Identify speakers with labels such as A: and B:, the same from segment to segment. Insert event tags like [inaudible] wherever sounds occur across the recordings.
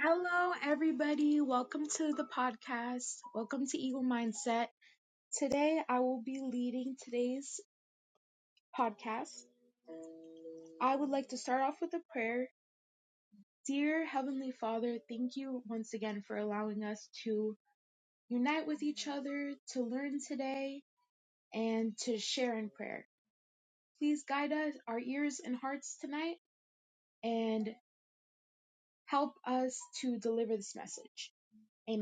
A: Hello, everybody. Welcome to the podcast. Welcome to Eagle Mindset. Today, I will be leading today's podcast. I would like to start off with a prayer. Dear Heavenly Father, thank you once again for allowing us to unite with each other, to learn today, and to share in prayer. Please guide us, our ears and hearts tonight, and help us to deliver this message. Amen.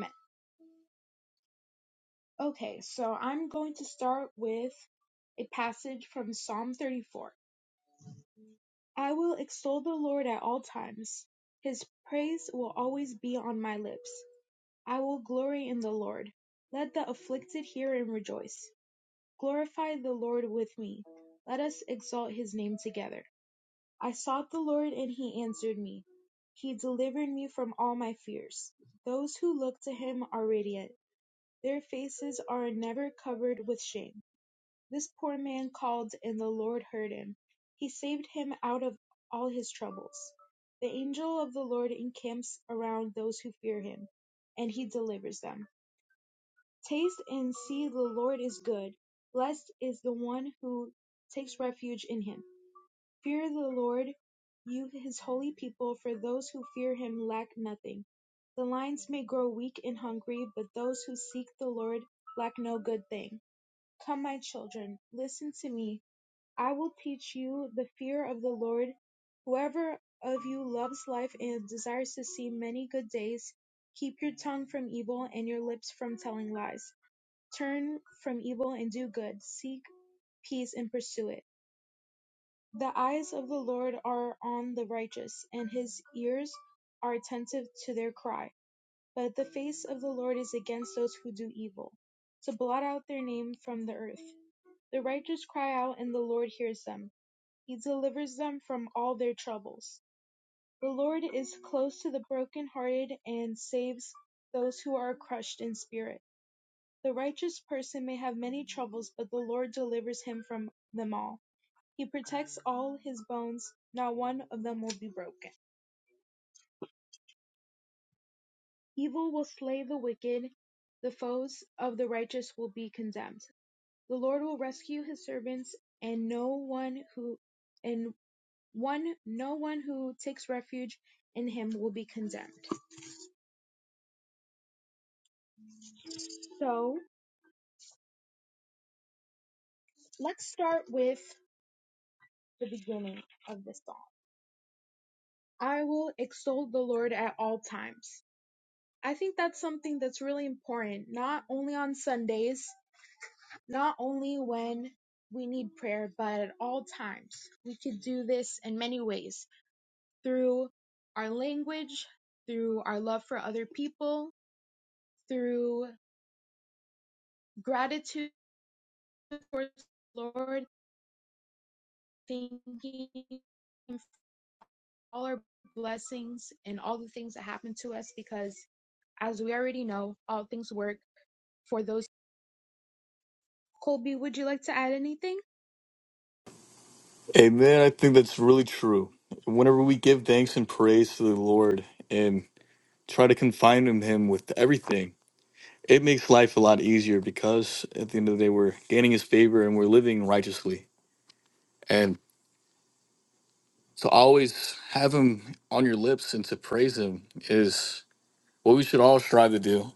A: Okay, so I'm going to start with a passage from Psalm 34. I will extol the Lord at all times. His praise will always be on my lips. I will glory in the Lord. Let the afflicted hear and rejoice. Glorify the Lord with me. Let us exalt his name together. I sought the Lord and he answered me. He delivered me from all my fears. Those who look to him are radiant. Their faces are never covered with shame. This poor man called and the Lord heard him. He saved him out of all his troubles. The angel of the Lord encamps around those who fear him, and he delivers them. Taste and see the Lord is good. Blessed is the one who takes refuge in him. Fear the Lord, you his holy people, for those who fear him lack nothing. The lions may grow weak and hungry, but those who seek the Lord lack no good thing. Come, my children, listen to me I will teach you the fear of the Lord. Whoever of you loves life and desires to see many good days, keep your tongue from evil and your lips from telling lies. Turn from evil and do good. Seek peace and pursue it. The eyes of the Lord are on the righteous, and his ears are attentive to their cry. But the face of the Lord is against those who do evil, to blot out their name from the earth. The righteous cry out, and the Lord hears them. He delivers them from all their troubles. The Lord is close to the brokenhearted and saves those who are crushed in spirit. The righteous person may have many troubles, but the Lord delivers him from them all. He protects all his bones, not one of them will be broken. Evil will slay the wicked, the foes of the righteous will be condemned. The Lord will rescue his servants, and no one who and one no one who takes refuge in him will be condemned. So let's start with the beginning of this song. I will extol the Lord at all times. I think that's something that's really important, not only on Sundays, not only when we need prayer, but at all times. We could do this in many ways through our language, through our love for other people, through gratitude towards the Lord, thinking all our blessings and all the things that happen to us because as we already know, all things work for those. Colby, would you like to add anything?
B: Amen. I think that's really true. Whenever we give thanks and praise to the Lord and try to confine in Him with everything, it makes life a lot easier because at the end of the day, we're gaining His favor and we're living righteously. And to always have Him on your lips and to praise Him is what we should all strive to do.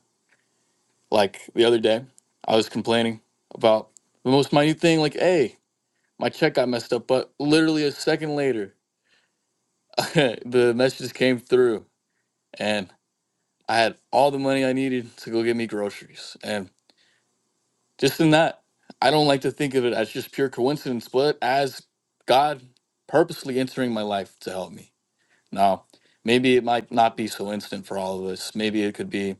B: Like the other day, I was complaining about the most minute thing, like, hey, my check got messed up, but literally a second later, [laughs] the message came through. and. I had all the money I needed to go get me groceries. And just in that, I don't like to think of it as just pure coincidence, but as God purposely entering my life to help me. Now, maybe it might not be so instant for all of us. Maybe it could be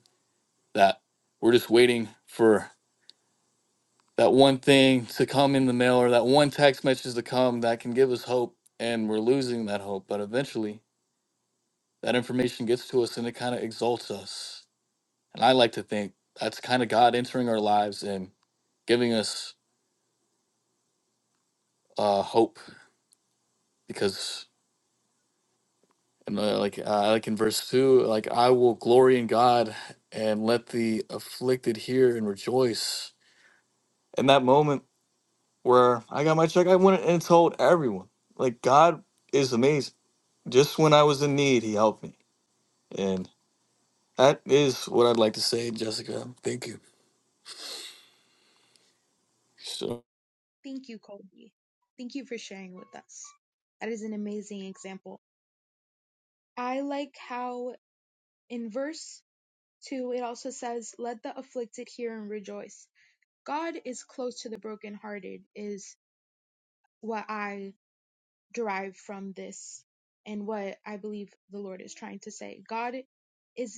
B: that we're just waiting for that one thing to come in the mail or that one text message to come that can give us hope. And we're losing that hope. But eventually, that information gets to us and it kind of exalts us. And I like to think that's kind of God entering our lives and giving us uh, hope because and uh, like uh, like in verse two, like I will glory in God and let the afflicted hear and rejoice. In that moment where I got my check, I went and told everyone. Like God is amazing. Just when I was in need, He helped me, and that is what I'd like to say, Jessica. Thank you. So,
A: Thank you, Colby. Thank you for sharing with us. That is an amazing example. I like how in verse 2 it also says, Let the afflicted hear and rejoice. God is close to the brokenhearted, is what I derive from this and what I believe the Lord is trying to say. God is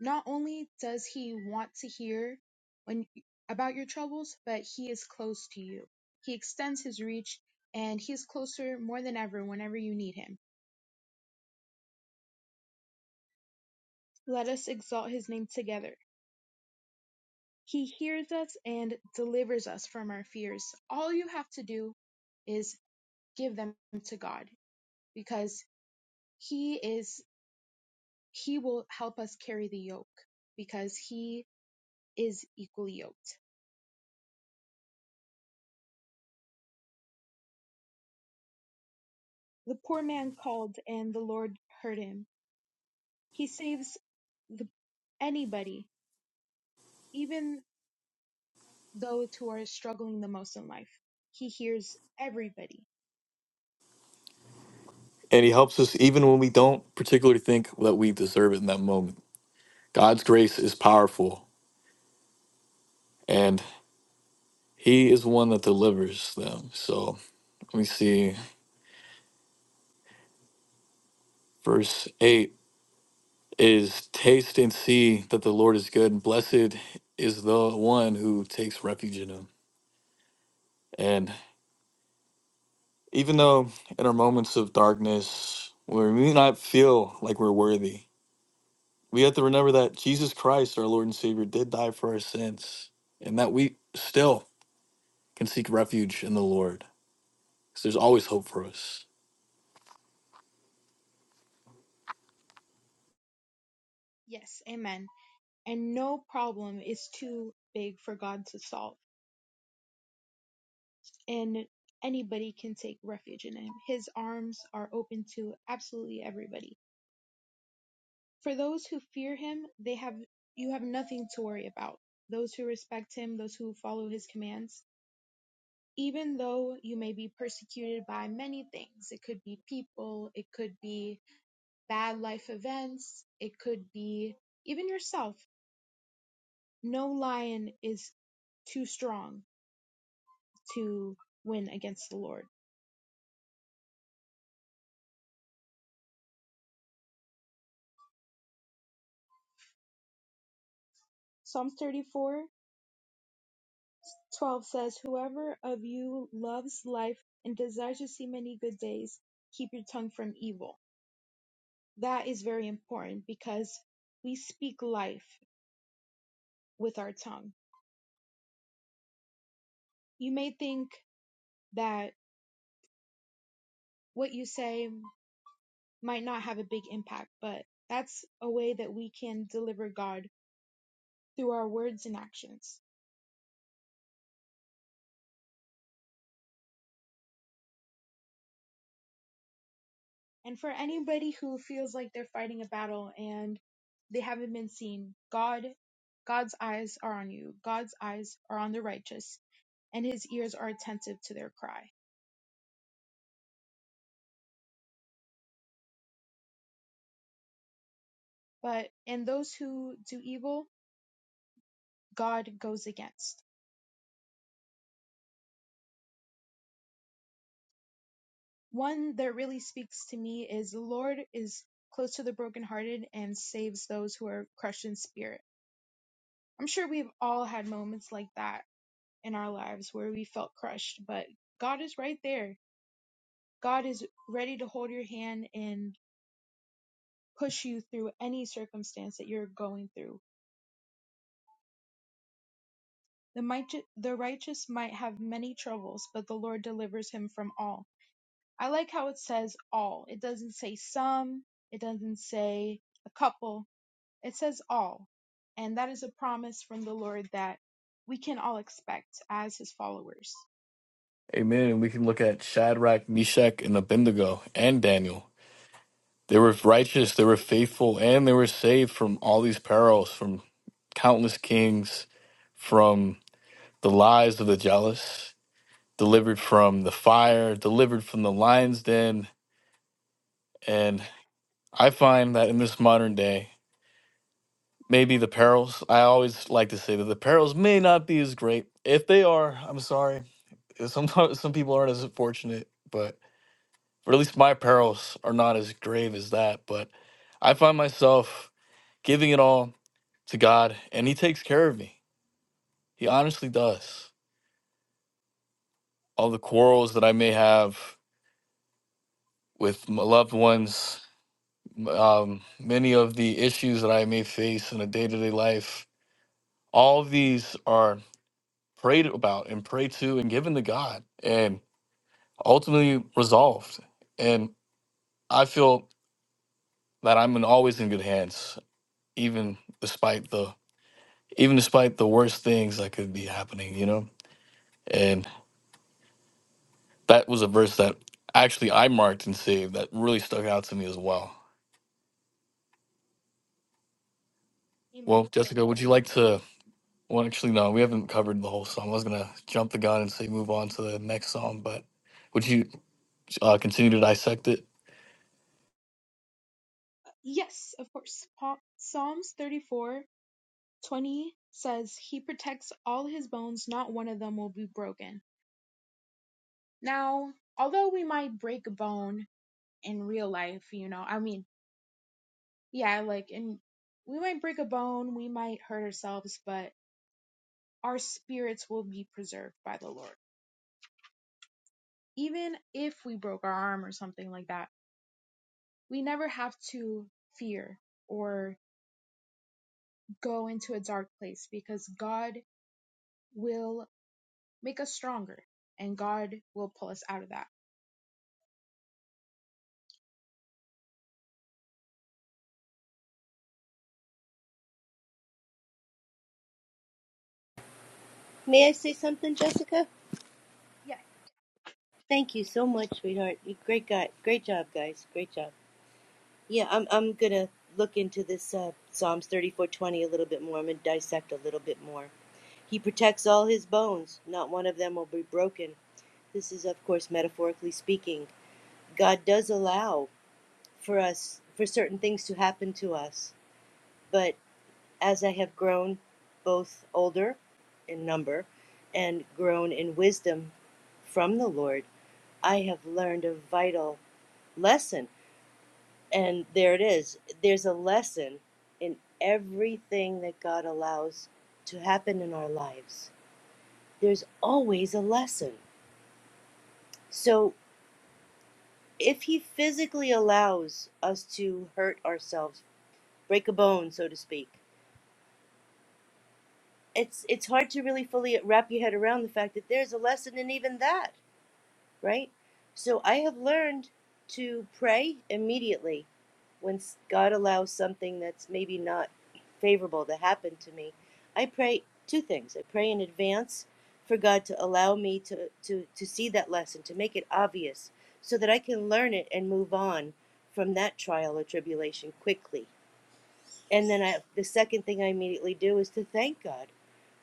A: Not only does he want to hear when about your troubles, but he is close to you. He extends his reach and he is closer more than ever whenever you need him. Let us exalt his name together. He hears us and delivers us from our fears. All you have to do is give them to God because he is he will help us carry the yoke because he is equally yoked. The poor man called and the Lord heard him He saves the, anybody, even those who are struggling the most in life. He hears everybody.
B: and He helps us even when we don't particularly think that we deserve it in that moment. God's grace is powerful, and. He is one that delivers them. So let me see. Verse 8 is taste and see that the Lord is good, and blessed is the one who takes refuge in him. And even though in our moments of darkness, where we may not feel like we're worthy, we have to remember that Jesus Christ, our Lord and Savior, did die for our sins, and that we still can seek refuge in the Lord because there's always hope for us.
A: Yes, amen. And no problem is too big for God to solve. And anybody can take refuge in him. His arms are open to absolutely everybody. For those who fear him, they have you have nothing to worry about. Those who respect him, those who follow his commands, even though you may be persecuted by many things, it could be people, it could be bad life events, it could be even yourself, no lion is too strong to win against the Lord. Psalms 34 12 says, Whoever of you loves life and desires to see many good days, keep your tongue from evil. That is very important because we speak life with our tongue. You may think that what you say might not have a big impact, but that's a way that we can deliver God through our words and actions. And for anybody who feels like they're fighting a battle and they haven't been seen, God God's eyes are on you. God's eyes are on the righteous, and his ears are attentive to their cry. But in those who do evil, God goes against. One that really speaks to me is the Lord is close to the brokenhearted and saves those who are crushed in spirit. I'm sure we've all had moments like that in our lives where we felt crushed, but God is right there. God is ready to hold your hand and push you through any circumstance that you're going through. The, might, the righteous might have many troubles, but the Lord delivers him from all. I like how it says all. It doesn't say some, it doesn't say a couple, it says all. And that is a promise from the Lord that we can all expect as his followers.
B: Amen. And we can look at Shadrach, Meshach, and Abednego, and Daniel They were righteous, they were faithful, and they were saved from all these perils, from countless kings, from the lies of the jealous, delivered from the fire, delivered from the lion's den. And I find that in this modern day, maybe the perils, I always like to say that the perils may not be as great. If they are, I'm sorry. [laughs] Sometimes some people aren't as fortunate, but, but at least my perils are not as grave as that. But I find myself giving it all to God, and He takes care of me. He honestly does. All the quarrels that I may have with my loved ones, um, many of the issues that I may face in a day to day life, all of these are prayed about and prayed to and given to God and ultimately resolved. And I feel that I'm in always in good hands, even despite the even despite the worst things that could be happening, you know? And That was a verse that actually I marked and saved that really stuck out to me as well. Well,
A: Amen, Cole.
B: Jessica, would you like to? Well, actually, no, we haven't covered the whole song. I was gonna jump the gun and say move on to the next song, but would you uh, continue to dissect it?
A: Yes, of course. Pa- Psalms 34:20 says, He protects all his bones, not one of them will be broken. Now, although we might break a bone in real life, you know, I mean, yeah, like, and we might break a bone, we might hurt ourselves, but our spirits will be preserved by the Lord. Even if we broke our arm or something like that, we never have to fear or go into a dark place because God will make us stronger, and God will pull us out of that.
C: May I say something, Jessica?
A: Yeah,
C: Thank you so much, sweetheart. You great guy. Great job, guys. Great job. Yeah, I'm I'm gonna look into this uh, Psalms 34:20 a little bit more. I'm gonna dissect a little bit more. He protects all his bones; not one of them will be broken. This is, of course, metaphorically speaking. God does allow for us for certain things to happen to us, but as I have grown, both older in number, and grown in wisdom from the Lord. I have learned a vital lesson. And there it is. There's a lesson in everything that God allows to happen in our lives. There's always a lesson. So if He physically allows us to hurt ourselves, break a bone, so to speak, it's, it's hard to really fully wrap your head around the fact that there's a lesson in even that right? So I have learned to pray immediately when God allows something that's maybe not favorable to happen to me. I pray two things. I pray in advance for God to allow me to, to, to see that lesson, to make it obvious, so that I can learn it and move on from that trial or tribulation quickly. And then I, the second thing I immediately do is to thank God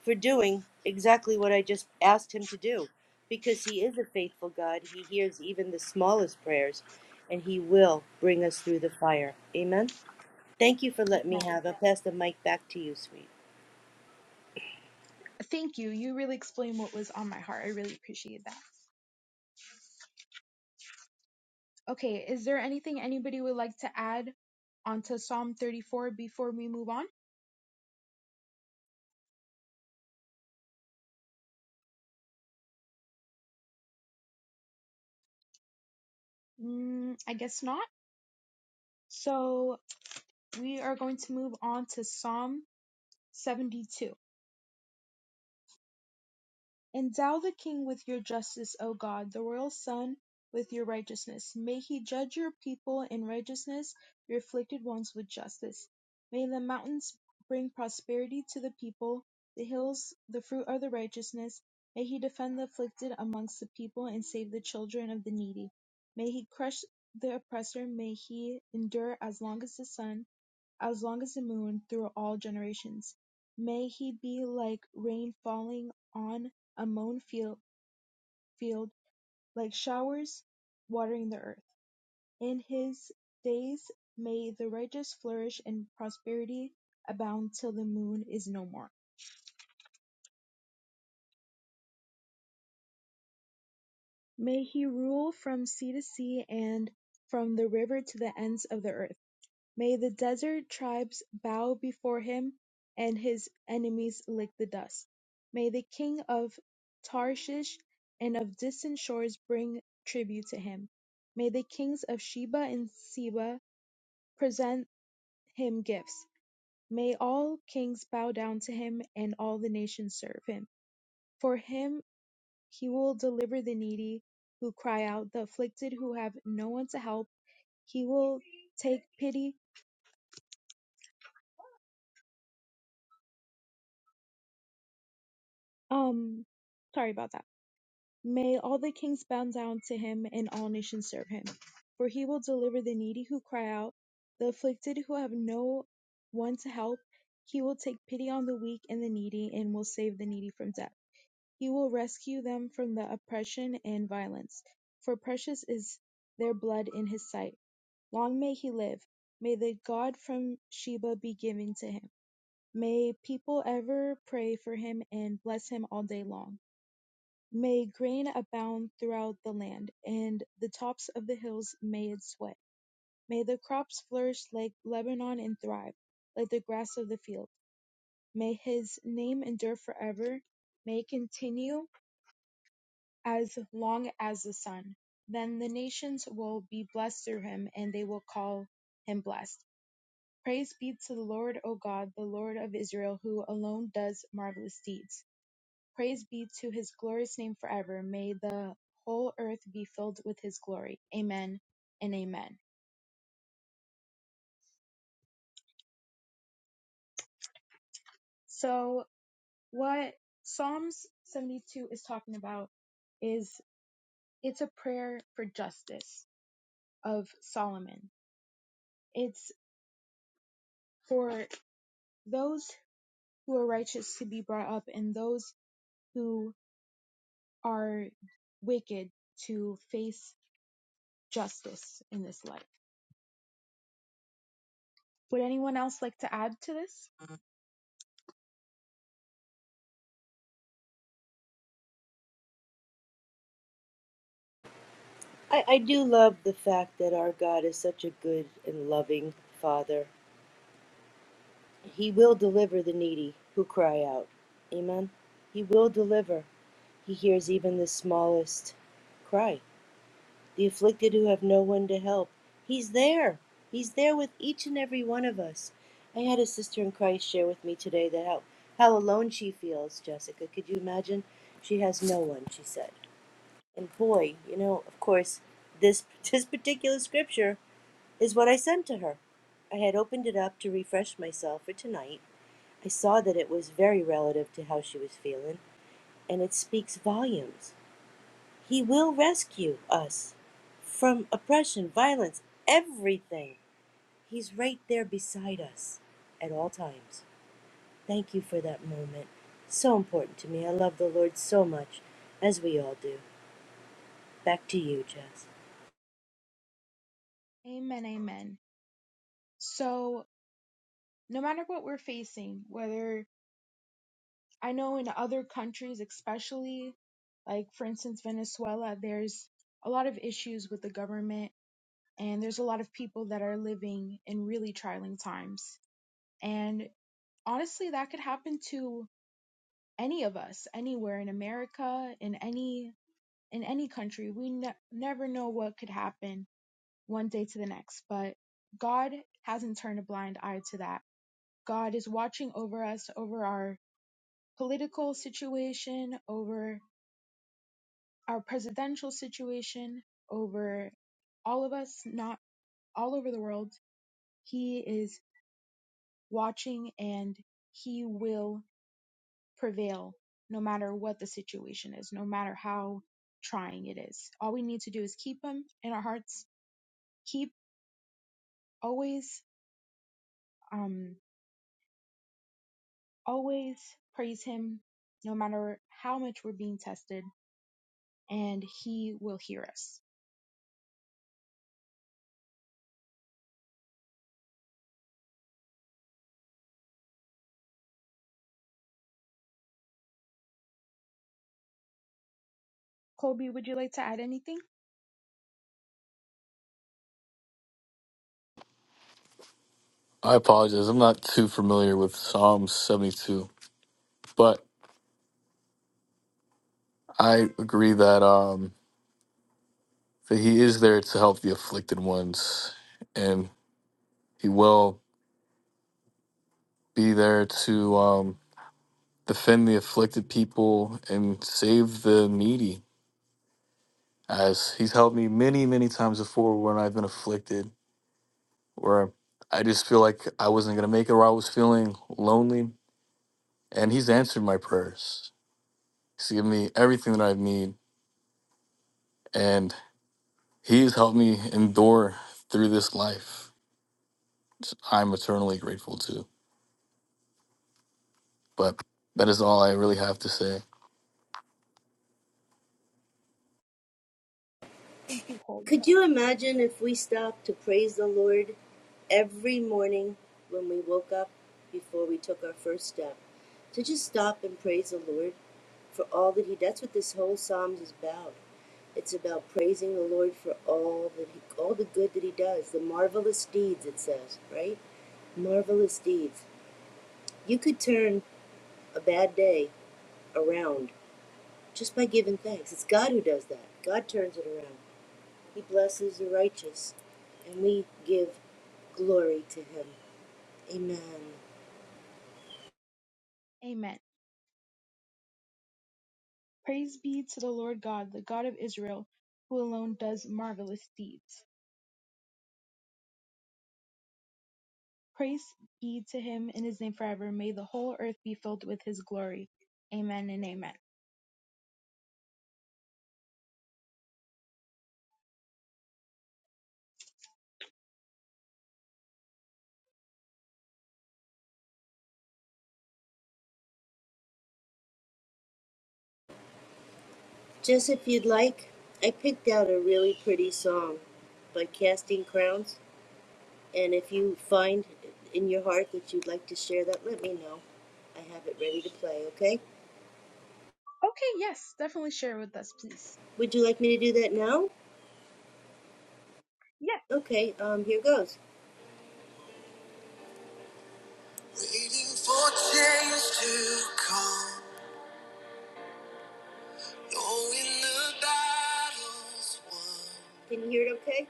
C: for doing exactly what I just asked Him to do, because He is a faithful God. He hears even the smallest prayers, and He will bring us through the fire. Amen. Thank you for letting me
A: amen.
C: have. I'll pass the mic back to you, sweet.
A: Thank you. You really explained what was on my heart. I really appreciate that. Okay, is there anything anybody would like to add onto Psalm 34 before we move on? Mm, I guess not. So we are going to move on to Psalm 72. Endow the king with your justice, O God, the royal son with your righteousness. May he judge your people in righteousness, your afflicted ones with justice. May the mountains bring prosperity to the people, the hills the fruit of the righteousness. May he defend the afflicted amongst the people and save the children of the needy. May he crush the oppressor, may he endure as long as the sun as long as the moon, through all generations. May he be like rain falling on a mown field, field, like showers watering the earth. In his days may the righteous flourish and prosperity abound till the moon is no more. May he rule from sea to sea and from the river to the ends of the earth. May the desert tribes bow before him and his enemies lick the dust. May the king of Tarshish and of distant shores bring tribute to him. May the kings of Sheba and Seba present him gifts. May all kings bow down to him and all the nations serve him. For him he will deliver the needy who cry out, the afflicted who have no one to help. He will take pity. Um, sorry about that May all the kings bow down to him, and all nations serve him. For he will deliver the needy who cry out, the afflicted who have no one to help. He will take pity on the weak and the needy, and will save the needy from death. He will rescue them from the oppression and violence. For precious is their blood in his sight. Long may he live. May the God from Sheba be given to him. May people ever pray for him and bless him all day long. May grain abound throughout the land, and the tops of the hills may it sweat. May the crops flourish like Lebanon and thrive, like the grass of the field. May his name endure forever, may it continue as long as the sun. Then the nations will be blessed through him, and they will call him blessed. Praise be to the Lord, O God, the Lord of Israel, who alone does marvelous deeds. Praise be to his glorious name forever. May the whole earth be filled with his glory. Amen and amen. So what Psalms 72 is talking about is it's a prayer for justice of Solomon. It's for those who are righteous to be brought up and those who are wicked to face justice in this life. Would anyone else like to add to this?
C: I, I do love the fact that our God is such a good and loving Father. He will deliver the needy who cry out. Amen. He will deliver. He hears even the smallest cry. the afflicted who have no one to help. He's there. He's there with each and every one of us. I had a sister in Christ share with me today that how, how alone she feels, Jessica. Could you imagine? She has no one, she said. And boy, you know, of course, this [laughs] this particular scripture is what I sent to her. I had opened it up to refresh myself for tonight. I saw that it was very relative to how she was feeling, and it speaks volumes. He will rescue us from oppression, violence, everything. He's right there beside us at all times. Thank you for that moment. So important to me. I love the Lord so much, as we all do. Back to you, Jess.
A: Amen, amen. So no matter what we're facing, whether I know in other countries, especially like for instance Venezuela, there's a lot of issues with the government and there's a lot of people that are living in really trying times. And honestly, that could happen to any of us anywhere in America, in any in any country. We ne- never know what could happen one day to the next, but God hasn't turned a blind eye to that. God is watching over us, over our political situation, over our presidential situation, over all of us, not all over the world. He is watching and he will prevail no matter what the situation is, no matter how trying it is. All we need to do is keep him in our hearts, keep always, um, always praise him no matter how much we're being tested and he will hear us. Colby, would you like to add anything?
B: I apologize. I'm not too familiar with Psalm 72, but I agree that um, that He is there to help the afflicted ones, and He will be there to um, defend the afflicted people and save the needy. as he's helped me many, many times before when I've been afflicted, where I just feel like I wasn't going to make it or I was feeling lonely. And he's answered my prayers. He's given me everything that I need. And he's helped me endure through this life. I'm eternally grateful to. But that is all I really have to say.
A: Thank you, Colby.
C: Could you imagine if we stopped to praise the Lord every morning when we woke up before we took our first step? To just stop and praise the Lord for all that He that's what this whole Psalms is about. It's about praising the Lord for all that he, all the good that He does, the marvelous deeds it says, right? Marvelous deeds. You could turn a bad day around just by giving thanks. It's God who does that. God turns it around. He blesses the righteous, and we give glory to him. Amen.
A: Amen. Praise be to the Lord God, the God of Israel, who alone does marvelous deeds. Praise be to him in his name forever. May the whole earth be filled with his glory. Amen and amen.
C: Just if you'd like, I picked out a really pretty song by Casting Crowns, and if you find in your heart that you'd like to share that, let me know. I have it ready to play, okay?
A: Okay, yes, definitely share with us, please.
C: Would you like me to do that now?
A: Yes,
C: Okay, um, here goes. Waiting for change to come, knowing the battle's won. Can you hear it okay?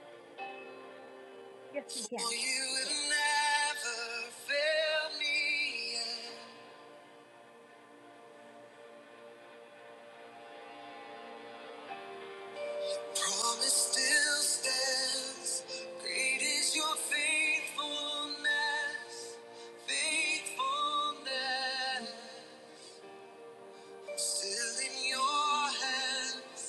A: yes, we
C: For
A: can.
C: you have never failed me yet. Promise still stands. Great is your faithfulness. Faithfulness. Still in your hands.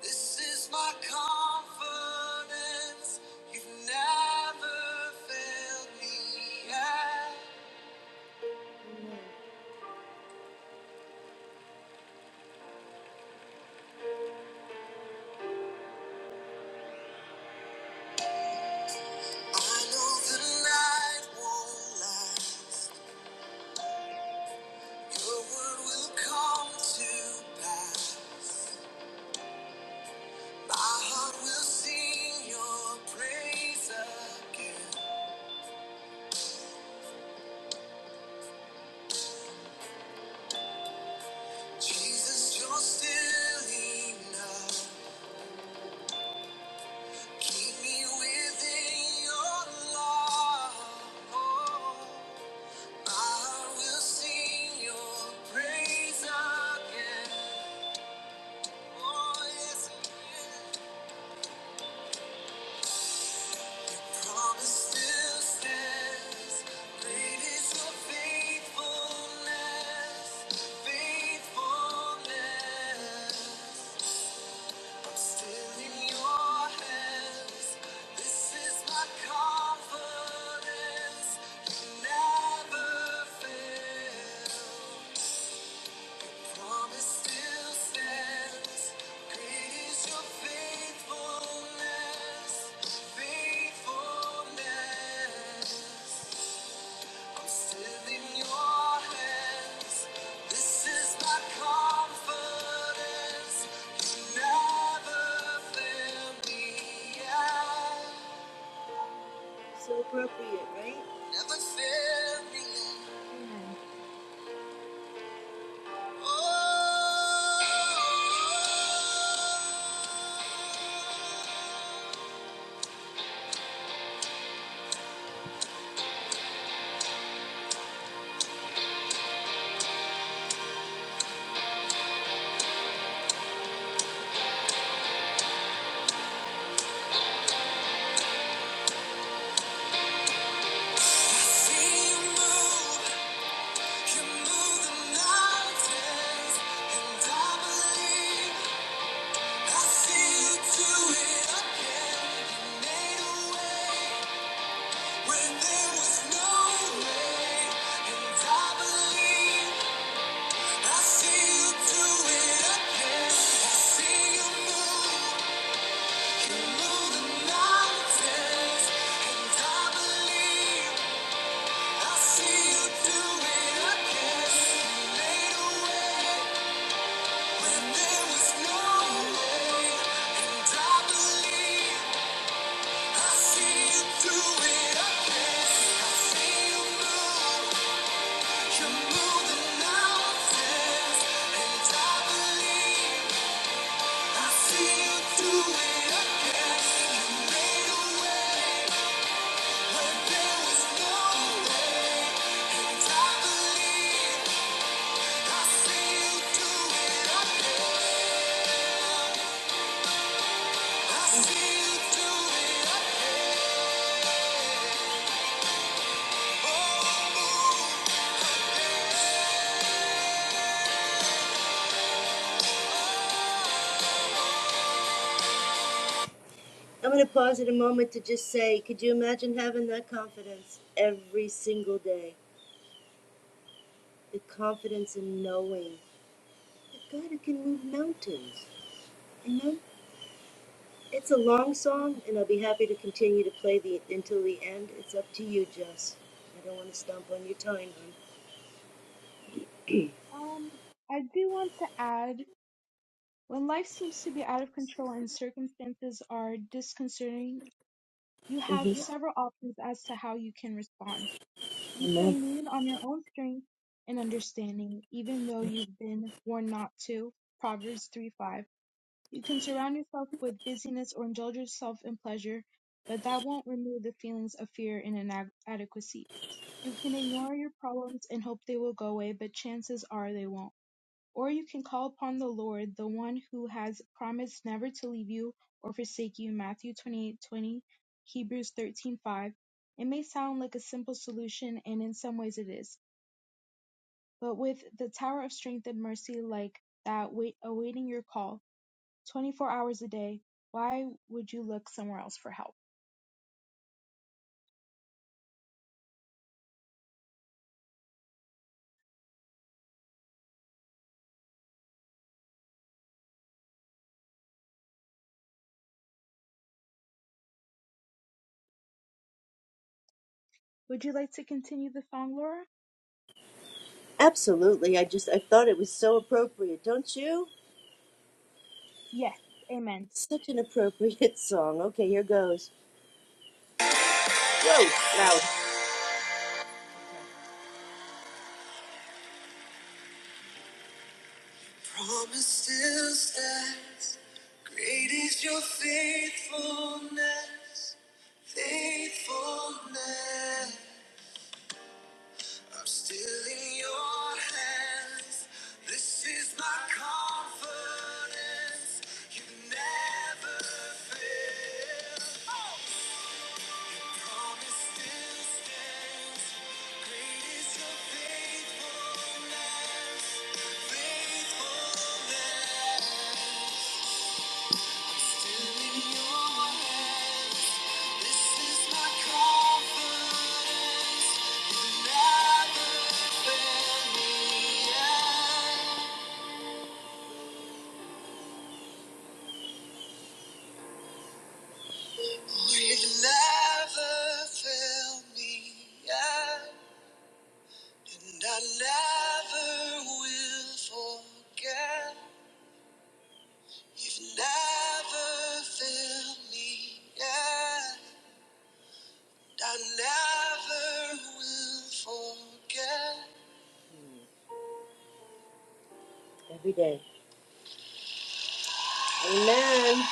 C: This is my confidence. You've never failed me yet. I know the night won't last. Your word will come to pass. My heart will sing your praise again. Jesus, you're still enough. Keep me within your love. My heart will sing your praise again. Oh, yes, Promise still stands. Great is your faithfulness, faithfulness. still in your hands. This is my confidence. You never fail. So appropriate, right? Never fail me yet.
A: Amen.
C: Oh. Mountains, and I believe. Thank you I'm going to pause in a moment to just say, could you imagine having that confidence every single day? The confidence in knowing that God can move mountains. Amen. It's a long song,
A: Amen.
C: and I'll be happy to continue to play the until the end. It's up to you, Jess. I don't want to stomp on your time, hon.
A: Um, I do want to add when life seems to be out of control and circumstances are disconcerting, you
C: [clears throat]
A: have
C: hmm
A: several options as to how you can respond. You
C: Amen.
A: can lean on your own strength and understanding, even though you've been warned not to. Proverbs 3 5. You can surround yourself with busyness or indulge yourself in pleasure, but that won't remove the feelings of fear and inadequacy. You can ignore your problems and hope they will go away, but chances are they won't. Or you can call upon the Lord, the one who has promised never to leave you or forsake you. Matthew 28:20, Hebrews 13:5. It may sound like a simple solution, and in some ways it is, but with the tower of strength and mercy like that wait, awaiting your call 24 hours a day, why would you look somewhere else for help? Would you like to continue the song, Laura?
C: Absolutely. I just I thought it was so appropriate, don't you?
A: Yes, amen.
C: Such an appropriate [laughs] song. Okay, here goes. Whoa, loud. Promise still stands. Great is your faithfulness. Faithfulness. I'm still in your hands. This is my confidence. You never fail. Oh! Your Promise still stands. Great is your faithfulness. Faithfulness. Every day. Amen.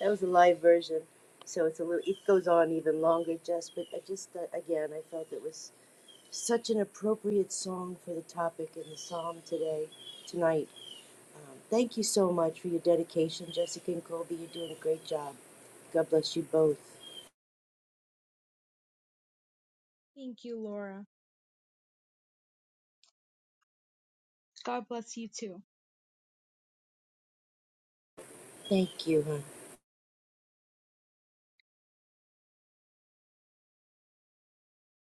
C: That was a live version, so it's a little. It goes on even longer, Jess. But I just uh, again, I felt it was such an appropriate song for the topic in the psalm today, tonight. Um, thank you so much for your dedication, Jessica and Colby. You're doing a great job. God bless you both.
A: Thank you, Laura. God bless you too.
C: Thank you, honey.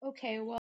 A: Okay, well.